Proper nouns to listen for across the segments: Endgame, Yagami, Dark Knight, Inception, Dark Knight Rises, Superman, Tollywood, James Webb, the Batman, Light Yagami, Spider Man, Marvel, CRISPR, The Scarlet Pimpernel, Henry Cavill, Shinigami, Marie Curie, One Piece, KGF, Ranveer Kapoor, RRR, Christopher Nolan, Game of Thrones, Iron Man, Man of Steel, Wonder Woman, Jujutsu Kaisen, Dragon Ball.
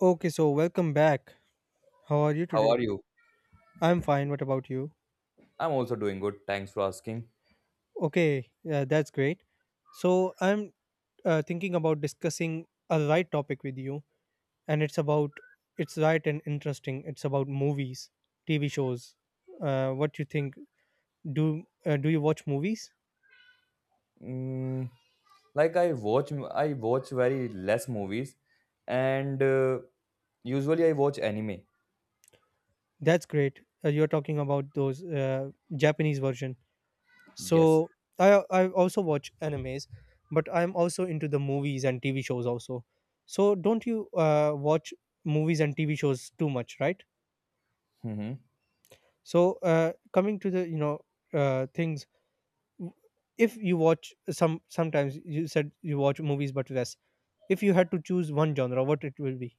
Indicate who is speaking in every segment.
Speaker 1: Okay, so welcome back. How are you
Speaker 2: How
Speaker 1: today?
Speaker 2: are you?
Speaker 1: I'm fine. What about you?
Speaker 2: I'm also doing good. Thanks for asking.
Speaker 1: Okay, yeah, that's great. So I'm Thinking about discussing a right topic with you, and it's right and interesting. It's about movies, TV shows. What you think? Do you watch movies?
Speaker 2: Mm, like I watch very less movies, and usually I watch anime.
Speaker 1: That's great. You're talking about those Japanese version. so
Speaker 2: Yes.
Speaker 1: i i also watch animes, but I'm also into the movies and TV shows also. So don't you watch movies and TV shows too much, right?
Speaker 2: Mm-hmm.
Speaker 1: Coming to the things, w- if you watch some sometimes, you said you watch movies but less. If you had to choose one genre, what it will be?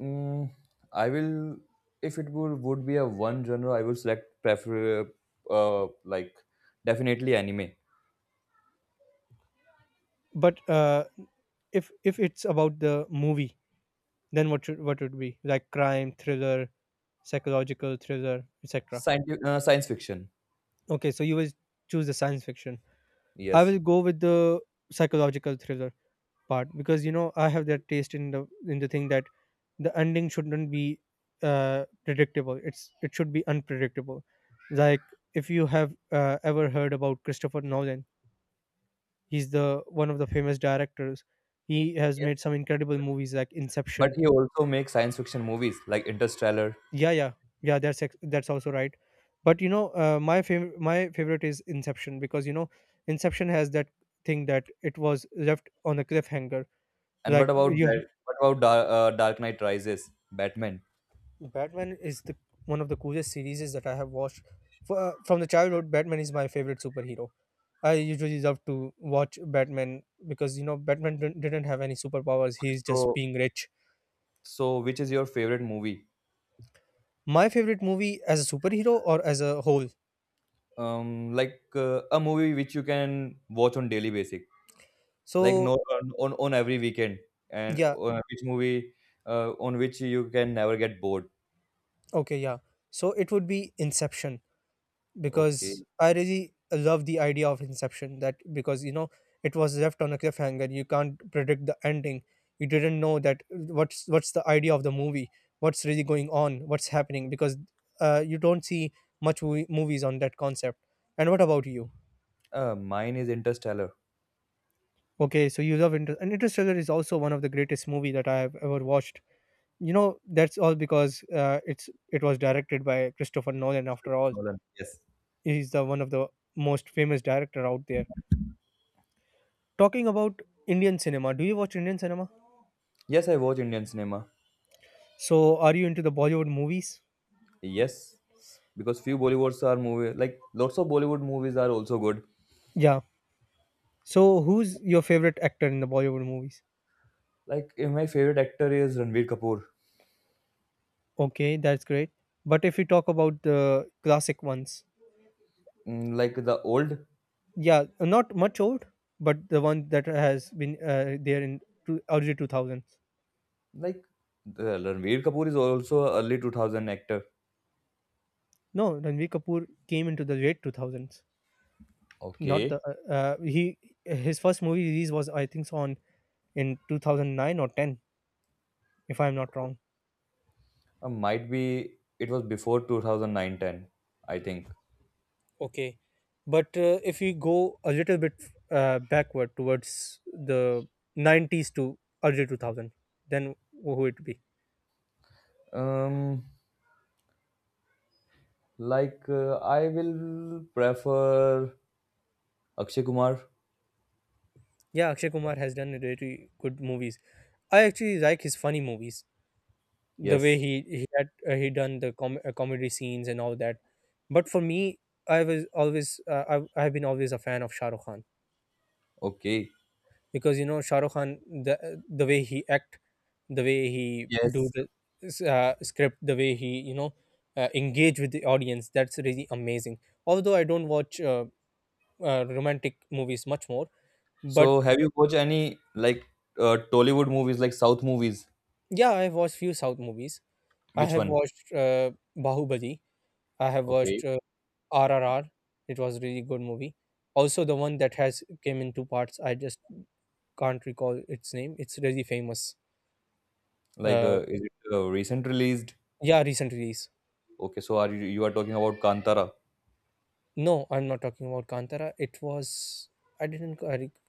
Speaker 2: Mm, I will, if it would be a one genre, I will select prefer like definitely anime,
Speaker 1: But if it's about the movie, then what would be like crime thriller, psychological thriller, etc.
Speaker 2: science fiction.
Speaker 1: Okay, so you will choose the science fiction. I
Speaker 2: Yes.
Speaker 1: will go with the psychological thriller part because you know I have that taste in the thing that the ending shouldn't be predictable. It should be unpredictable. Like if you have ever heard about Christopher Nolan, he's the one of the famous directors. He has
Speaker 2: Yes.
Speaker 1: made some incredible movies like
Speaker 2: But
Speaker 1: Inception.
Speaker 2: he also makes science fiction movies like Interstellar.
Speaker 1: Yeah yeah yeah that's also right, but you know my favorite is Inception because you know Inception has that thing that it was left on a cliffhanger.
Speaker 2: And what
Speaker 1: Like
Speaker 2: about
Speaker 1: you
Speaker 2: Dark Knight Rises, Batman?
Speaker 1: Batman is the one of the coolest series that I have watched. For, from the childhood, Batman is my favorite superhero. I usually love to watch Batman because you know Batman didn't have any superpowers,
Speaker 2: Okay,
Speaker 1: he's just
Speaker 2: so
Speaker 1: being rich.
Speaker 2: which is your favorite movie?
Speaker 1: My favorite movie as a superhero or as a whole?
Speaker 2: Like a movie which you can watch on daily basic, like
Speaker 1: so
Speaker 2: no on every weekend, and
Speaker 1: yeah
Speaker 2: which movie on which you can never get bored.
Speaker 1: Okay, yeah. So it would be Inception because
Speaker 2: Okay,
Speaker 1: I really love the idea of Inception, that because you know it was left on a cliffhanger. You can't predict the ending. You didn't know that what's the idea of the movie. What's really going on? What's happening? Because you don't see much movies on that concept. And what about you?
Speaker 2: mine is Interstellar.
Speaker 1: Okay, so you love Inter- and Interstellar is also one of the greatest movie that I have ever watched. You know that's all because it was directed by Christopher Nolan after all.
Speaker 2: Nolan. Yes,
Speaker 1: He's the one of the most famous director out there. Talking about Indian cinema, do you watch Indian cinema?
Speaker 2: yes, I watch Indian cinema.
Speaker 1: So, are you into the Bollywood movies?
Speaker 2: Yes, because few Bollywoods are movie like lots of Bollywood movies are also good.
Speaker 1: Yeah. So, who's your favorite actor in the Bollywood movies?
Speaker 2: Like my favorite actor is Ranveer Kapoor.
Speaker 1: Okay, that's great. But if we talk about the classic ones,
Speaker 2: Like the old,
Speaker 1: yeah, not much old, but the one that has been there in early 2000s.
Speaker 2: like the Ranveer Kapoor is also a early 2000 actor.
Speaker 1: No, Ranveer Kapoor came into the late 2000s. Not the
Speaker 2: Okay.
Speaker 1: he His first movie release was, I think so, on in 2009 or 10, if I'm not wrong.
Speaker 2: Might be it was before 2009 ten. I think.
Speaker 1: Okay. But if we go a little bit backward towards the 90s to early 2000, then who would it be?
Speaker 2: Um like I will prefer Akshay Kumar.
Speaker 1: Yeah, Akshay Kumar has done really good movies. I actually like his funny movies. The way
Speaker 2: Yes.
Speaker 1: he had he done the comedy scenes and all that. But for me, I was always, I've been always a fan of Shah Rukh Khan.
Speaker 2: Okay.
Speaker 1: Because you know Shah Rukh Khan, the the way he act, the way he do
Speaker 2: Yes.
Speaker 1: the script, the way he you know engage with the audience, that's really amazing. Although I don't watch romantic movies much more, but
Speaker 2: So have you watched any like Tollywood movies like South movies?
Speaker 1: yeah, I've watched few South movies. I
Speaker 2: Which
Speaker 1: have
Speaker 2: one?
Speaker 1: watched Bahubali, I have
Speaker 2: Okay.
Speaker 1: watched RRR, it was a really good movie. Also the one that has came in two parts, I just can't recall its name, it's really famous.
Speaker 2: Like
Speaker 1: uh,
Speaker 2: is it recent released?
Speaker 1: yeah, recent release.
Speaker 2: Okay, so are you you are talking about Kantara?
Speaker 1: No, I'm not talking about Kantara. It was, I didn't I, rec-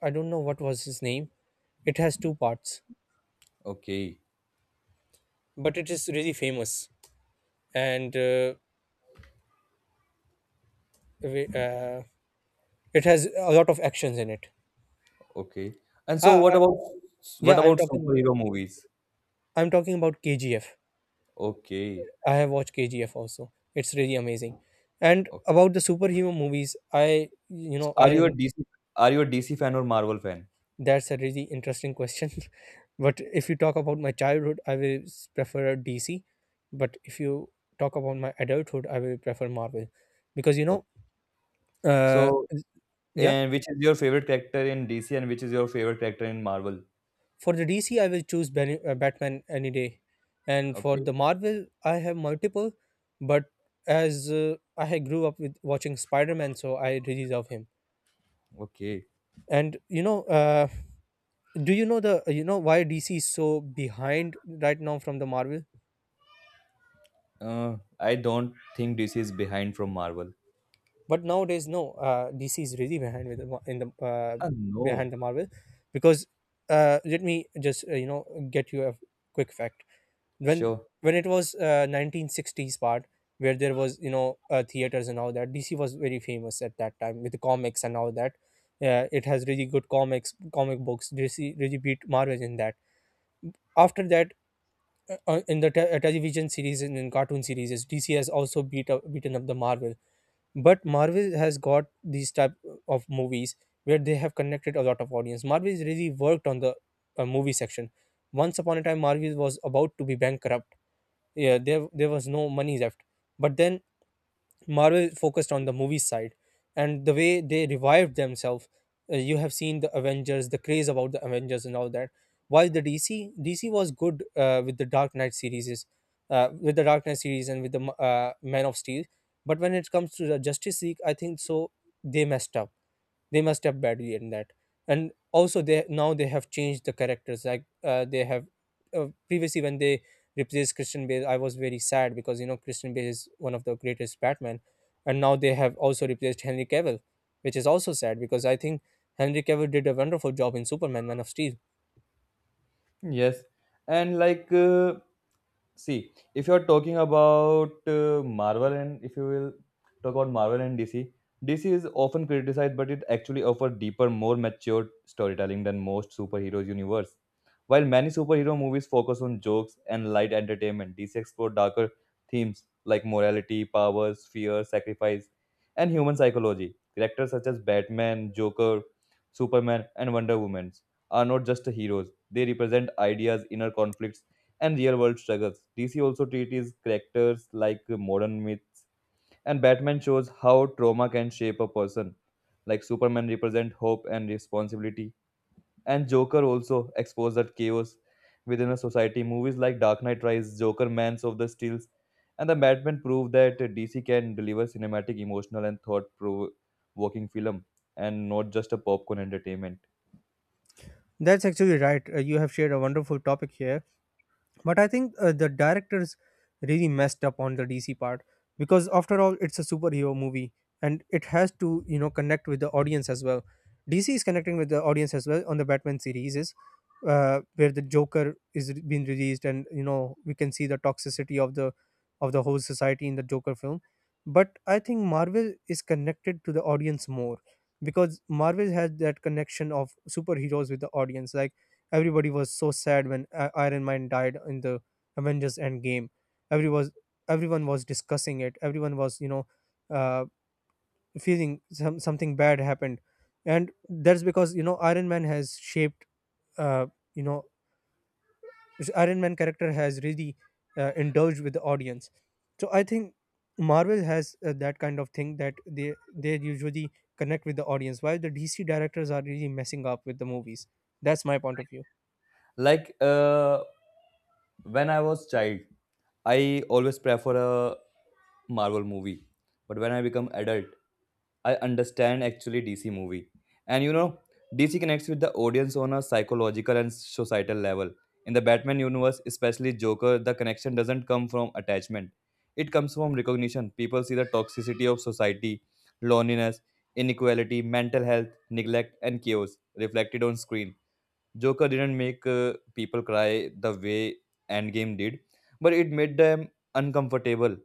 Speaker 1: I don't know what was his name. It has two parts,
Speaker 2: Okay.
Speaker 1: but it is really famous, and we- uh, it has a lot of actions in it.
Speaker 2: Okay. And so
Speaker 1: Ah,
Speaker 2: what
Speaker 1: I,
Speaker 2: about
Speaker 1: yeah,
Speaker 2: superhero movies?
Speaker 1: I'm talking about KGF.
Speaker 2: Okay.
Speaker 1: I have watched KGF also. It's really amazing. And
Speaker 2: Okay.
Speaker 1: about the superhero movies, I you
Speaker 2: So
Speaker 1: know
Speaker 2: are you a
Speaker 1: I
Speaker 2: DC are you a DC fan or Marvel fan?
Speaker 1: That's a really interesting question. But if you talk about my childhood, I will prefer DC. But if you talk about my adulthood, I will prefer Marvel. Because, you
Speaker 2: Okay.
Speaker 1: know, uh,
Speaker 2: So
Speaker 1: yeah,
Speaker 2: and which is your favorite character in DC and which is your favorite character in Marvel?
Speaker 1: for the DC, I will choose Batman any day. And for
Speaker 2: Okay.
Speaker 1: the Marvel, I have multiple. But as I had grew up with watching Spider Man, so I really love him.
Speaker 2: Okay.
Speaker 1: And, you know, do you know why DC is so behind right now from the Marvel?
Speaker 2: I don't think DC is behind from Marvel.
Speaker 1: But nowadays, no DC is really behind with the, mar- in the
Speaker 2: No.
Speaker 1: behind the Marvel, because let me just get you a quick fact. when
Speaker 2: Sure.
Speaker 1: when it was 1960s part, where there was you know theaters and all that, DC was very famous at that time with the comics and all that. It has really good comic books, DC really beat Marvel in that. After that, in the television series and in cartoon series, DC has also beaten up the Marvel. But Marvel has got these type of movies where they have connected a lot of audience. Marvel is really worked on the movie section. Once upon a time, Marvel was about to be bankrupt. Yeah, there was no money left. But then Marvel focused on the movie side, and the way they revived themselves. You have seen the Avengers, the craze about the Avengers and all that. While the DC was good with the Dark Knight series, with the Dark Knight series and with the Man of Steel, but when it comes to the Justice League, I think so they messed up. They must have badly in that. And also they, now they have changed the characters, like they have previously when they replaced Christian Bale, I was very sad because you know Christian Bale is one of the greatest Batman. And now they have also replaced Henry Cavill, which is also sad because I think Henry Cavill did a wonderful job in Superman Man of Steel.
Speaker 2: Yes. And like see, if you're talking about Marvel and if you will talk about Marvel and DC, DC is often criticized, but it actually offers deeper, more mature storytelling than most superheroes universe. While many superhero movies focus on jokes and light entertainment, DC explore darker themes like morality, powers, fear, sacrifice, and human psychology. Characters such as Batman, Joker, Superman, and Wonder Woman are not just heroes; they represent ideas, inner conflicts, and real world struggles. DC also treats characters like modern myths, and Batman shows how trauma can shape a person. Like Superman represent hope and responsibility, and Joker also exposed that chaos within a society. Movies like Dark Knight Rise, Joker, Mans of the Steels, and the Batman prove that DC can deliver cinematic, emotional, and thought-provoking film, and not just a popcorn entertainment.
Speaker 1: That's actually right. You have shared a wonderful topic here. But I think the directors really messed up on the DC part, because after all it's a superhero movie, and it has to you know connect with the audience as well. DC is connecting with the audience as well on the Batman series, is where the Joker is being released, and you know we can see the toxicity of the whole society in the Joker film. But I think Marvel is connected to the audience more, because Marvel has that connection of superheroes with the audience, like everybody was so sad when Iron Man died in the Avengers Endgame. Every was Everyone was discussing it. Everyone was you know uh, feeling some something bad happened, and that's because you know uh, you know Iron Man character has really indulged with the audience. So I think Marvel has that kind of thing that they usually connect with the audience. While the DC directors are really messing up with the movies. That's my point of view.
Speaker 2: Like when I was child, I always prefer a Marvel movie. But when I become adult, I understand actually DC movie. And you know, DC connects with the audience on a psychological and societal level. In the Batman universe, especially Joker, the connection doesn't come from attachment. It comes from recognition. People see the toxicity of society, loneliness, inequality, mental health, neglect, and chaos reflected on screen. Joker didn't make people cry the way Endgame did, but it made them uncomfortable.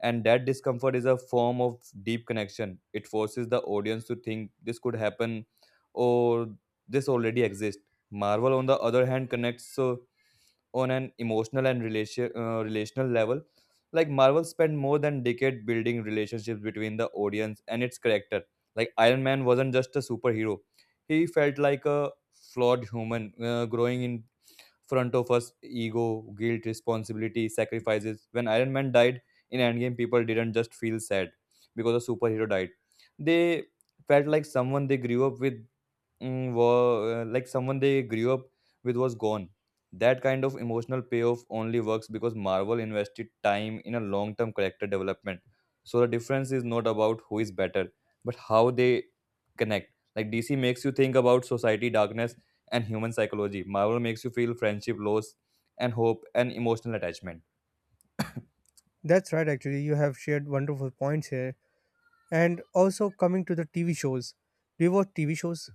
Speaker 2: And that discomfort is a form of deep connection. It forces the audience to think this could happen or this already exists. Marvel, on the other hand, connects on an emotional and relational level. Like Marvel spent more than decade building relationships between the audience and its character. Like Iron Man wasn't just a superhero; he felt like a flawed human growing in front of us. Ego, guilt, responsibility, sacrifices. When Iron Man died in Endgame, people didn't just feel sad because a superhero died; they felt like someone they grew up with mm, were like someone they grew up with was gone. That kind of emotional payoff only works because Marvel invested time in a long term character development. So the difference is not about who is better, but how they connect. Like DC makes you think about society, darkness, and human psychology. Marvel makes you feel friendship, loss, and hope, and emotional attachment.
Speaker 1: That's right, actually. You have shared wonderful points here. And also, coming to the TV shows, do you watch TV shows?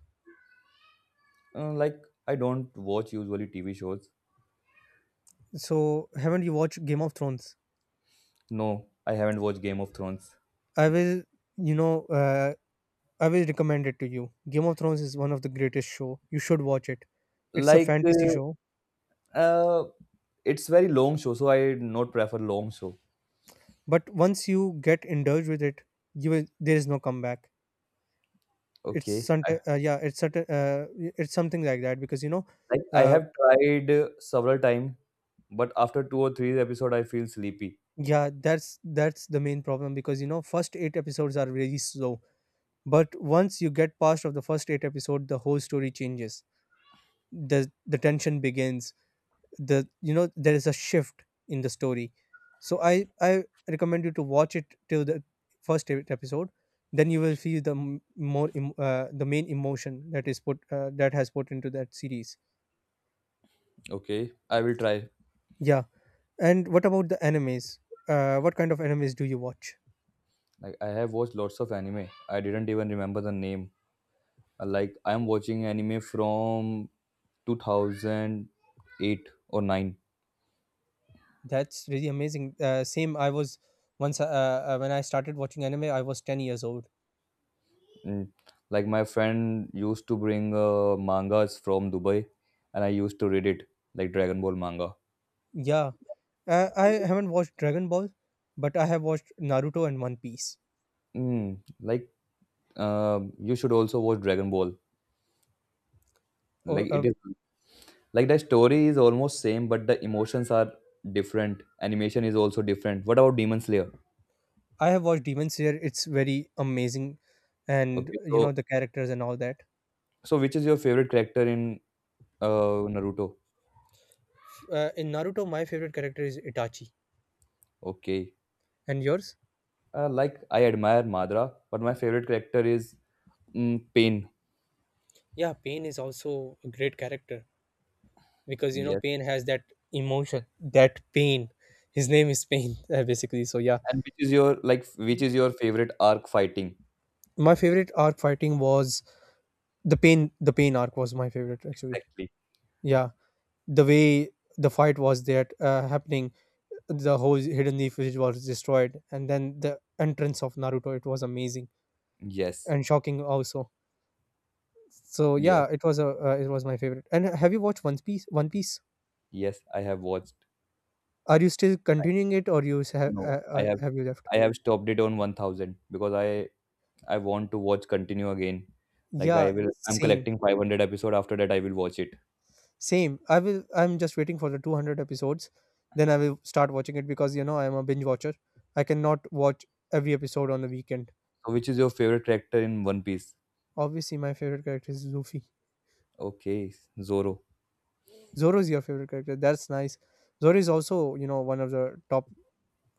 Speaker 2: Like, I don't watch usually TV shows.
Speaker 1: So, haven't you watched Game of Thrones?
Speaker 2: No, I haven't watched Game of Thrones.
Speaker 1: I will, you know, I will recommend it to you. Game of Thrones is one of the greatest show. You should watch it. It's a
Speaker 2: Like,
Speaker 1: fantasy show,
Speaker 2: uh, uh, it's very long show, so I not prefer long show.
Speaker 1: but once you get indulged with it, there is no comeback.
Speaker 2: Okay.
Speaker 1: Yeah, it's something like that, because you know,
Speaker 2: Like I
Speaker 1: uh,
Speaker 2: have tried several time, but after two or three episode, I feel sleepy.
Speaker 1: yeah, that's the main problem, because you know, first eight episodes are really slow. But once you get past of the first eight episode, the whole story changes. The tension begins. The You know there is a shift in the story. So I recommend you to watch it till the first eight episode. Then you will feel the the main emotion that is put that has put into that series.
Speaker 2: Okay, I will try.
Speaker 1: Yeah. And what about the animes? What kind of animes do you watch?
Speaker 2: Like I have watched lots of anime. I didn't even remember the name. Like I am watching anime from 2008 or 9.
Speaker 1: That's really amazing. Same, I was once when I started watching anime, I was 10 years old.
Speaker 2: Mm. Like my friend used to bring mangas from Dubai, and I used to read it like Dragon Ball manga.
Speaker 1: Yeah, I haven't watched Dragon Ball, but I have watched Naruto and One Piece.
Speaker 2: Mm. Like you should also watch Dragon Ball.
Speaker 1: Oh,
Speaker 2: Like
Speaker 1: uh,
Speaker 2: it is, like the story is almost same but the emotions are different, animation is also different. What about Demon Slayer?
Speaker 1: I have watched Demon Slayer. It's very amazing, and
Speaker 2: Okay,
Speaker 1: you know
Speaker 2: so
Speaker 1: the characters and all that.
Speaker 2: which is your favorite character in Naruto?
Speaker 1: In Naruto, my favorite character is Itachi,
Speaker 2: Okay.
Speaker 1: and yours?
Speaker 2: Like I admire Madara but my favorite character is Pain.
Speaker 1: Yeah, Pain is also a great character because you know
Speaker 2: Yes.
Speaker 1: Pain has that emotion, that pain. His name is Pain, basically. So yeah,
Speaker 2: And which is your, like which is your favorite arc fighting?
Speaker 1: my favorite arc fighting was the pain. The pain arc was my favorite actually.
Speaker 2: Exactly.
Speaker 1: Yeah, the way the fight was that happening, the whole hidden leaf village was destroyed and then the entrance of Naruto, it was amazing
Speaker 2: Yes.
Speaker 1: and shocking also. So
Speaker 2: Yes.
Speaker 1: yeah, it was a it was my favorite. And have you watched One Piece? One Piece,
Speaker 2: Yes, I have watched.
Speaker 1: are you still continuing it, or you
Speaker 2: No, i have
Speaker 1: have you left?
Speaker 2: I have stopped it on 1,000 because I want to watch continue again. Like
Speaker 1: Yeah,
Speaker 2: I will, I'm
Speaker 1: same.
Speaker 2: collecting 500 episode. After that, I will watch it.
Speaker 1: Same, I will, I'm just waiting for the 200 episodes, then I will start watching it because you know I'm a binge watcher. I cannot watch every episode on the weekend.
Speaker 2: So, which is your favorite character in One Piece?
Speaker 1: Obviously, my favorite character is Luffy.
Speaker 2: Okay, Zoro.
Speaker 1: Zoro is your favorite character, that's nice. Zoro is also you know one of the top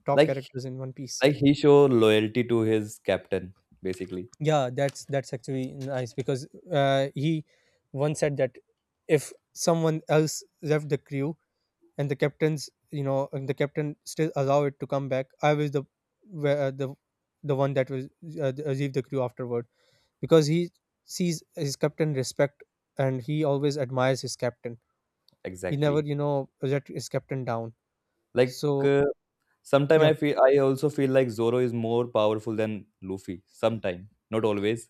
Speaker 1: top
Speaker 2: Like,
Speaker 1: characters in One Piece.
Speaker 2: like he show loyalty to his captain, basically.
Speaker 1: Yeah, that's actually nice because he once said that if someone else left the crew and the captain's you know and the captain still allow it to come back, I was the where- uh, the the one that was leave the crew afterward because he sees his captain respect and he always admires his captain. He never
Speaker 2: Exactly.
Speaker 1: you know let his captain down.
Speaker 2: Like,
Speaker 1: So
Speaker 2: sometime
Speaker 1: yeah.
Speaker 2: I also feel like Zoro is more powerful than Luffy. Sometime, not always.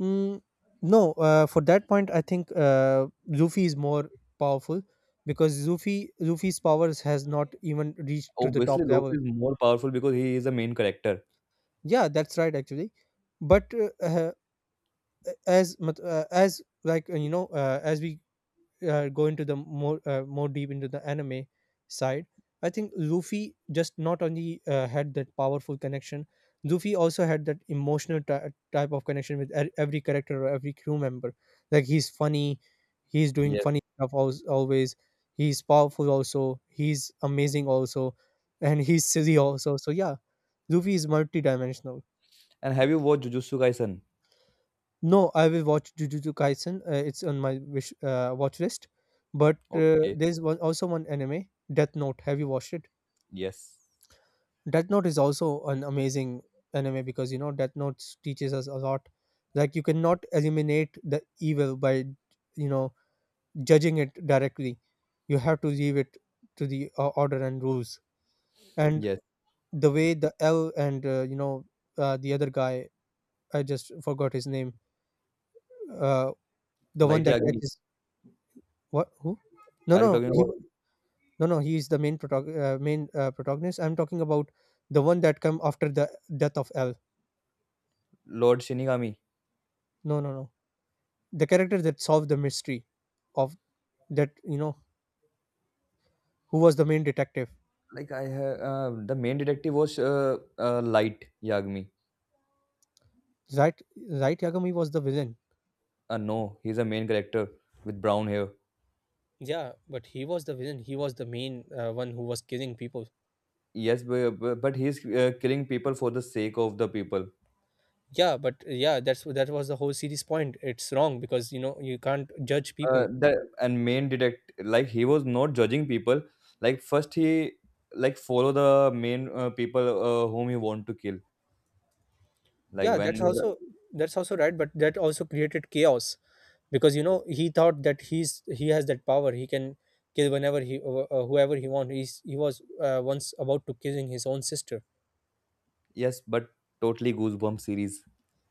Speaker 1: Mm, no, for that point, I think Luffy is more powerful because Luffy's powers has not even reached to the
Speaker 2: Obviously,
Speaker 1: top level.
Speaker 2: Luffy is more powerful because he is the main character.
Speaker 1: Yeah, that's right actually. But uh, uh, as as like you know, as we go into the more more deep into the anime side, I think Luffy just not only had that powerful connection, Luffy also had that emotional type of connection with every character or every crew member. Like, he's funny, he's doing funny
Speaker 2: Yes.
Speaker 1: stuff always, he's powerful also, he's amazing also, and he's silly also. So yeah, Luffy is multidimensional.
Speaker 2: And have you watched Jujutsu Kaisen?
Speaker 1: No, I will watch Jujutsu Kaisen. It's on my wish watch list. But
Speaker 2: Okay.
Speaker 1: there's one also one anime, Death Note. Have you watched it?
Speaker 2: Yes.
Speaker 1: Death Note is also an amazing anime because you know Death Note teaches us a lot. Like, you cannot eliminate the evil by you know judging it directly. You have to leave it to the order and rules. And
Speaker 2: Yes.
Speaker 1: the way the L and you know the other guy, I just forgot his name. Uh, the one
Speaker 2: Light
Speaker 1: that
Speaker 2: Yagami.
Speaker 1: catches. What? Who? No,
Speaker 2: Are you
Speaker 1: no.
Speaker 2: talking
Speaker 1: He
Speaker 2: about?
Speaker 1: no, no. He is the main main protagonist. I'm talking about the one that come after the death of L.
Speaker 2: Lord Shinigami.
Speaker 1: No, no, no. The character that solved the mystery of that you know who was the main detective.
Speaker 2: Like I have the main detective was Light Yagami.
Speaker 1: Right, right. Yagami was the villain.
Speaker 2: No, he's a main character with brown hair.
Speaker 1: Yeah, but he was the villain. He was the main one who was killing people.
Speaker 2: Yes, but he's killing people for the sake of the people.
Speaker 1: Yeah, but yeah, that was the whole series point. It's wrong because you know you can't judge people.
Speaker 2: The and main detect like he was not judging people. Like first he, like follow the main people whom he want to kill. Like
Speaker 1: Yeah, that's
Speaker 2: when
Speaker 1: also, that's also right, but that also created chaos because you know he thought that he has that power, he can kill whenever he whoever he want. He was once about to killing his own sister.
Speaker 2: yes, but totally goosebump series.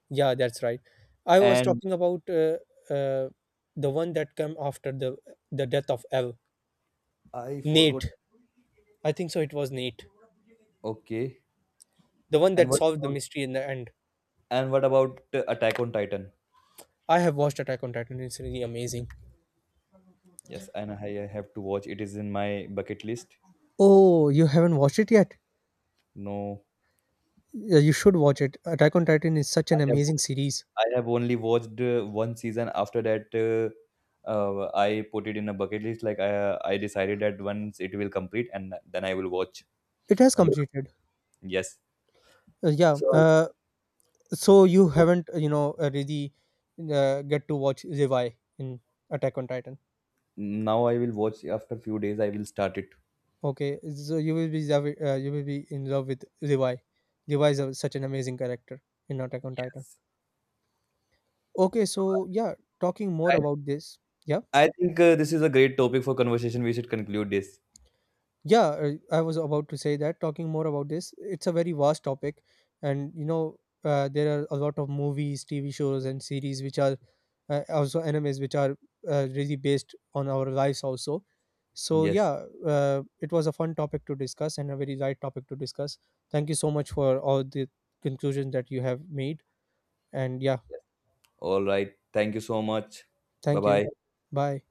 Speaker 1: Yeah, that's right. I was
Speaker 2: And
Speaker 1: talking about uh, the one that came after the death of L.
Speaker 2: I
Speaker 1: Nate,
Speaker 2: forgot.
Speaker 1: I think so it was Nate,
Speaker 2: Okay,
Speaker 1: the one
Speaker 2: and
Speaker 1: that
Speaker 2: what
Speaker 1: solved the
Speaker 2: about
Speaker 1: mystery in the end.
Speaker 2: Attack on Titan?
Speaker 1: I have watched Attack on Titan, it's really amazing.
Speaker 2: Yes, and I have to watch. It is in my bucket list.
Speaker 1: Oh, you haven't watched it yet?
Speaker 2: No,
Speaker 1: Yeah, you should watch it. Attack on Titan is such
Speaker 2: I
Speaker 1: an
Speaker 2: have
Speaker 1: amazing series.
Speaker 2: I have only watched one season. After that, I put it in a bucket list. Like I decided that once it will complete, and then I will watch.
Speaker 1: It has
Speaker 2: Um,
Speaker 1: completed.
Speaker 2: yes.
Speaker 1: Yeah.
Speaker 2: So
Speaker 1: So you haven't, you know, really get to watch Levi in Attack on Titan.
Speaker 2: now I will watch. After few days, I will start it.
Speaker 1: Okay, so you will be you will be in love with Levi. Levi is a, such an amazing character in Attack on Titan. Okay,
Speaker 2: So,
Speaker 1: so yeah, talking more about this. Yeah.
Speaker 2: I think this is a great topic for conversation. We should conclude this.
Speaker 1: Yeah, I was about to say that talking more about this, it's a very vast topic, and you know, there are a lot of movies, TV shows, and series which are also animes which are really based on our lives, also. So,
Speaker 2: Yes.
Speaker 1: yeah, it was a fun topic to discuss and a very light topic to discuss. Thank you so much for all the conclusions that you have made, and yeah,
Speaker 2: Yes. All right. Thank you so much. Bye
Speaker 1: thank you.
Speaker 2: bye.
Speaker 1: Bye.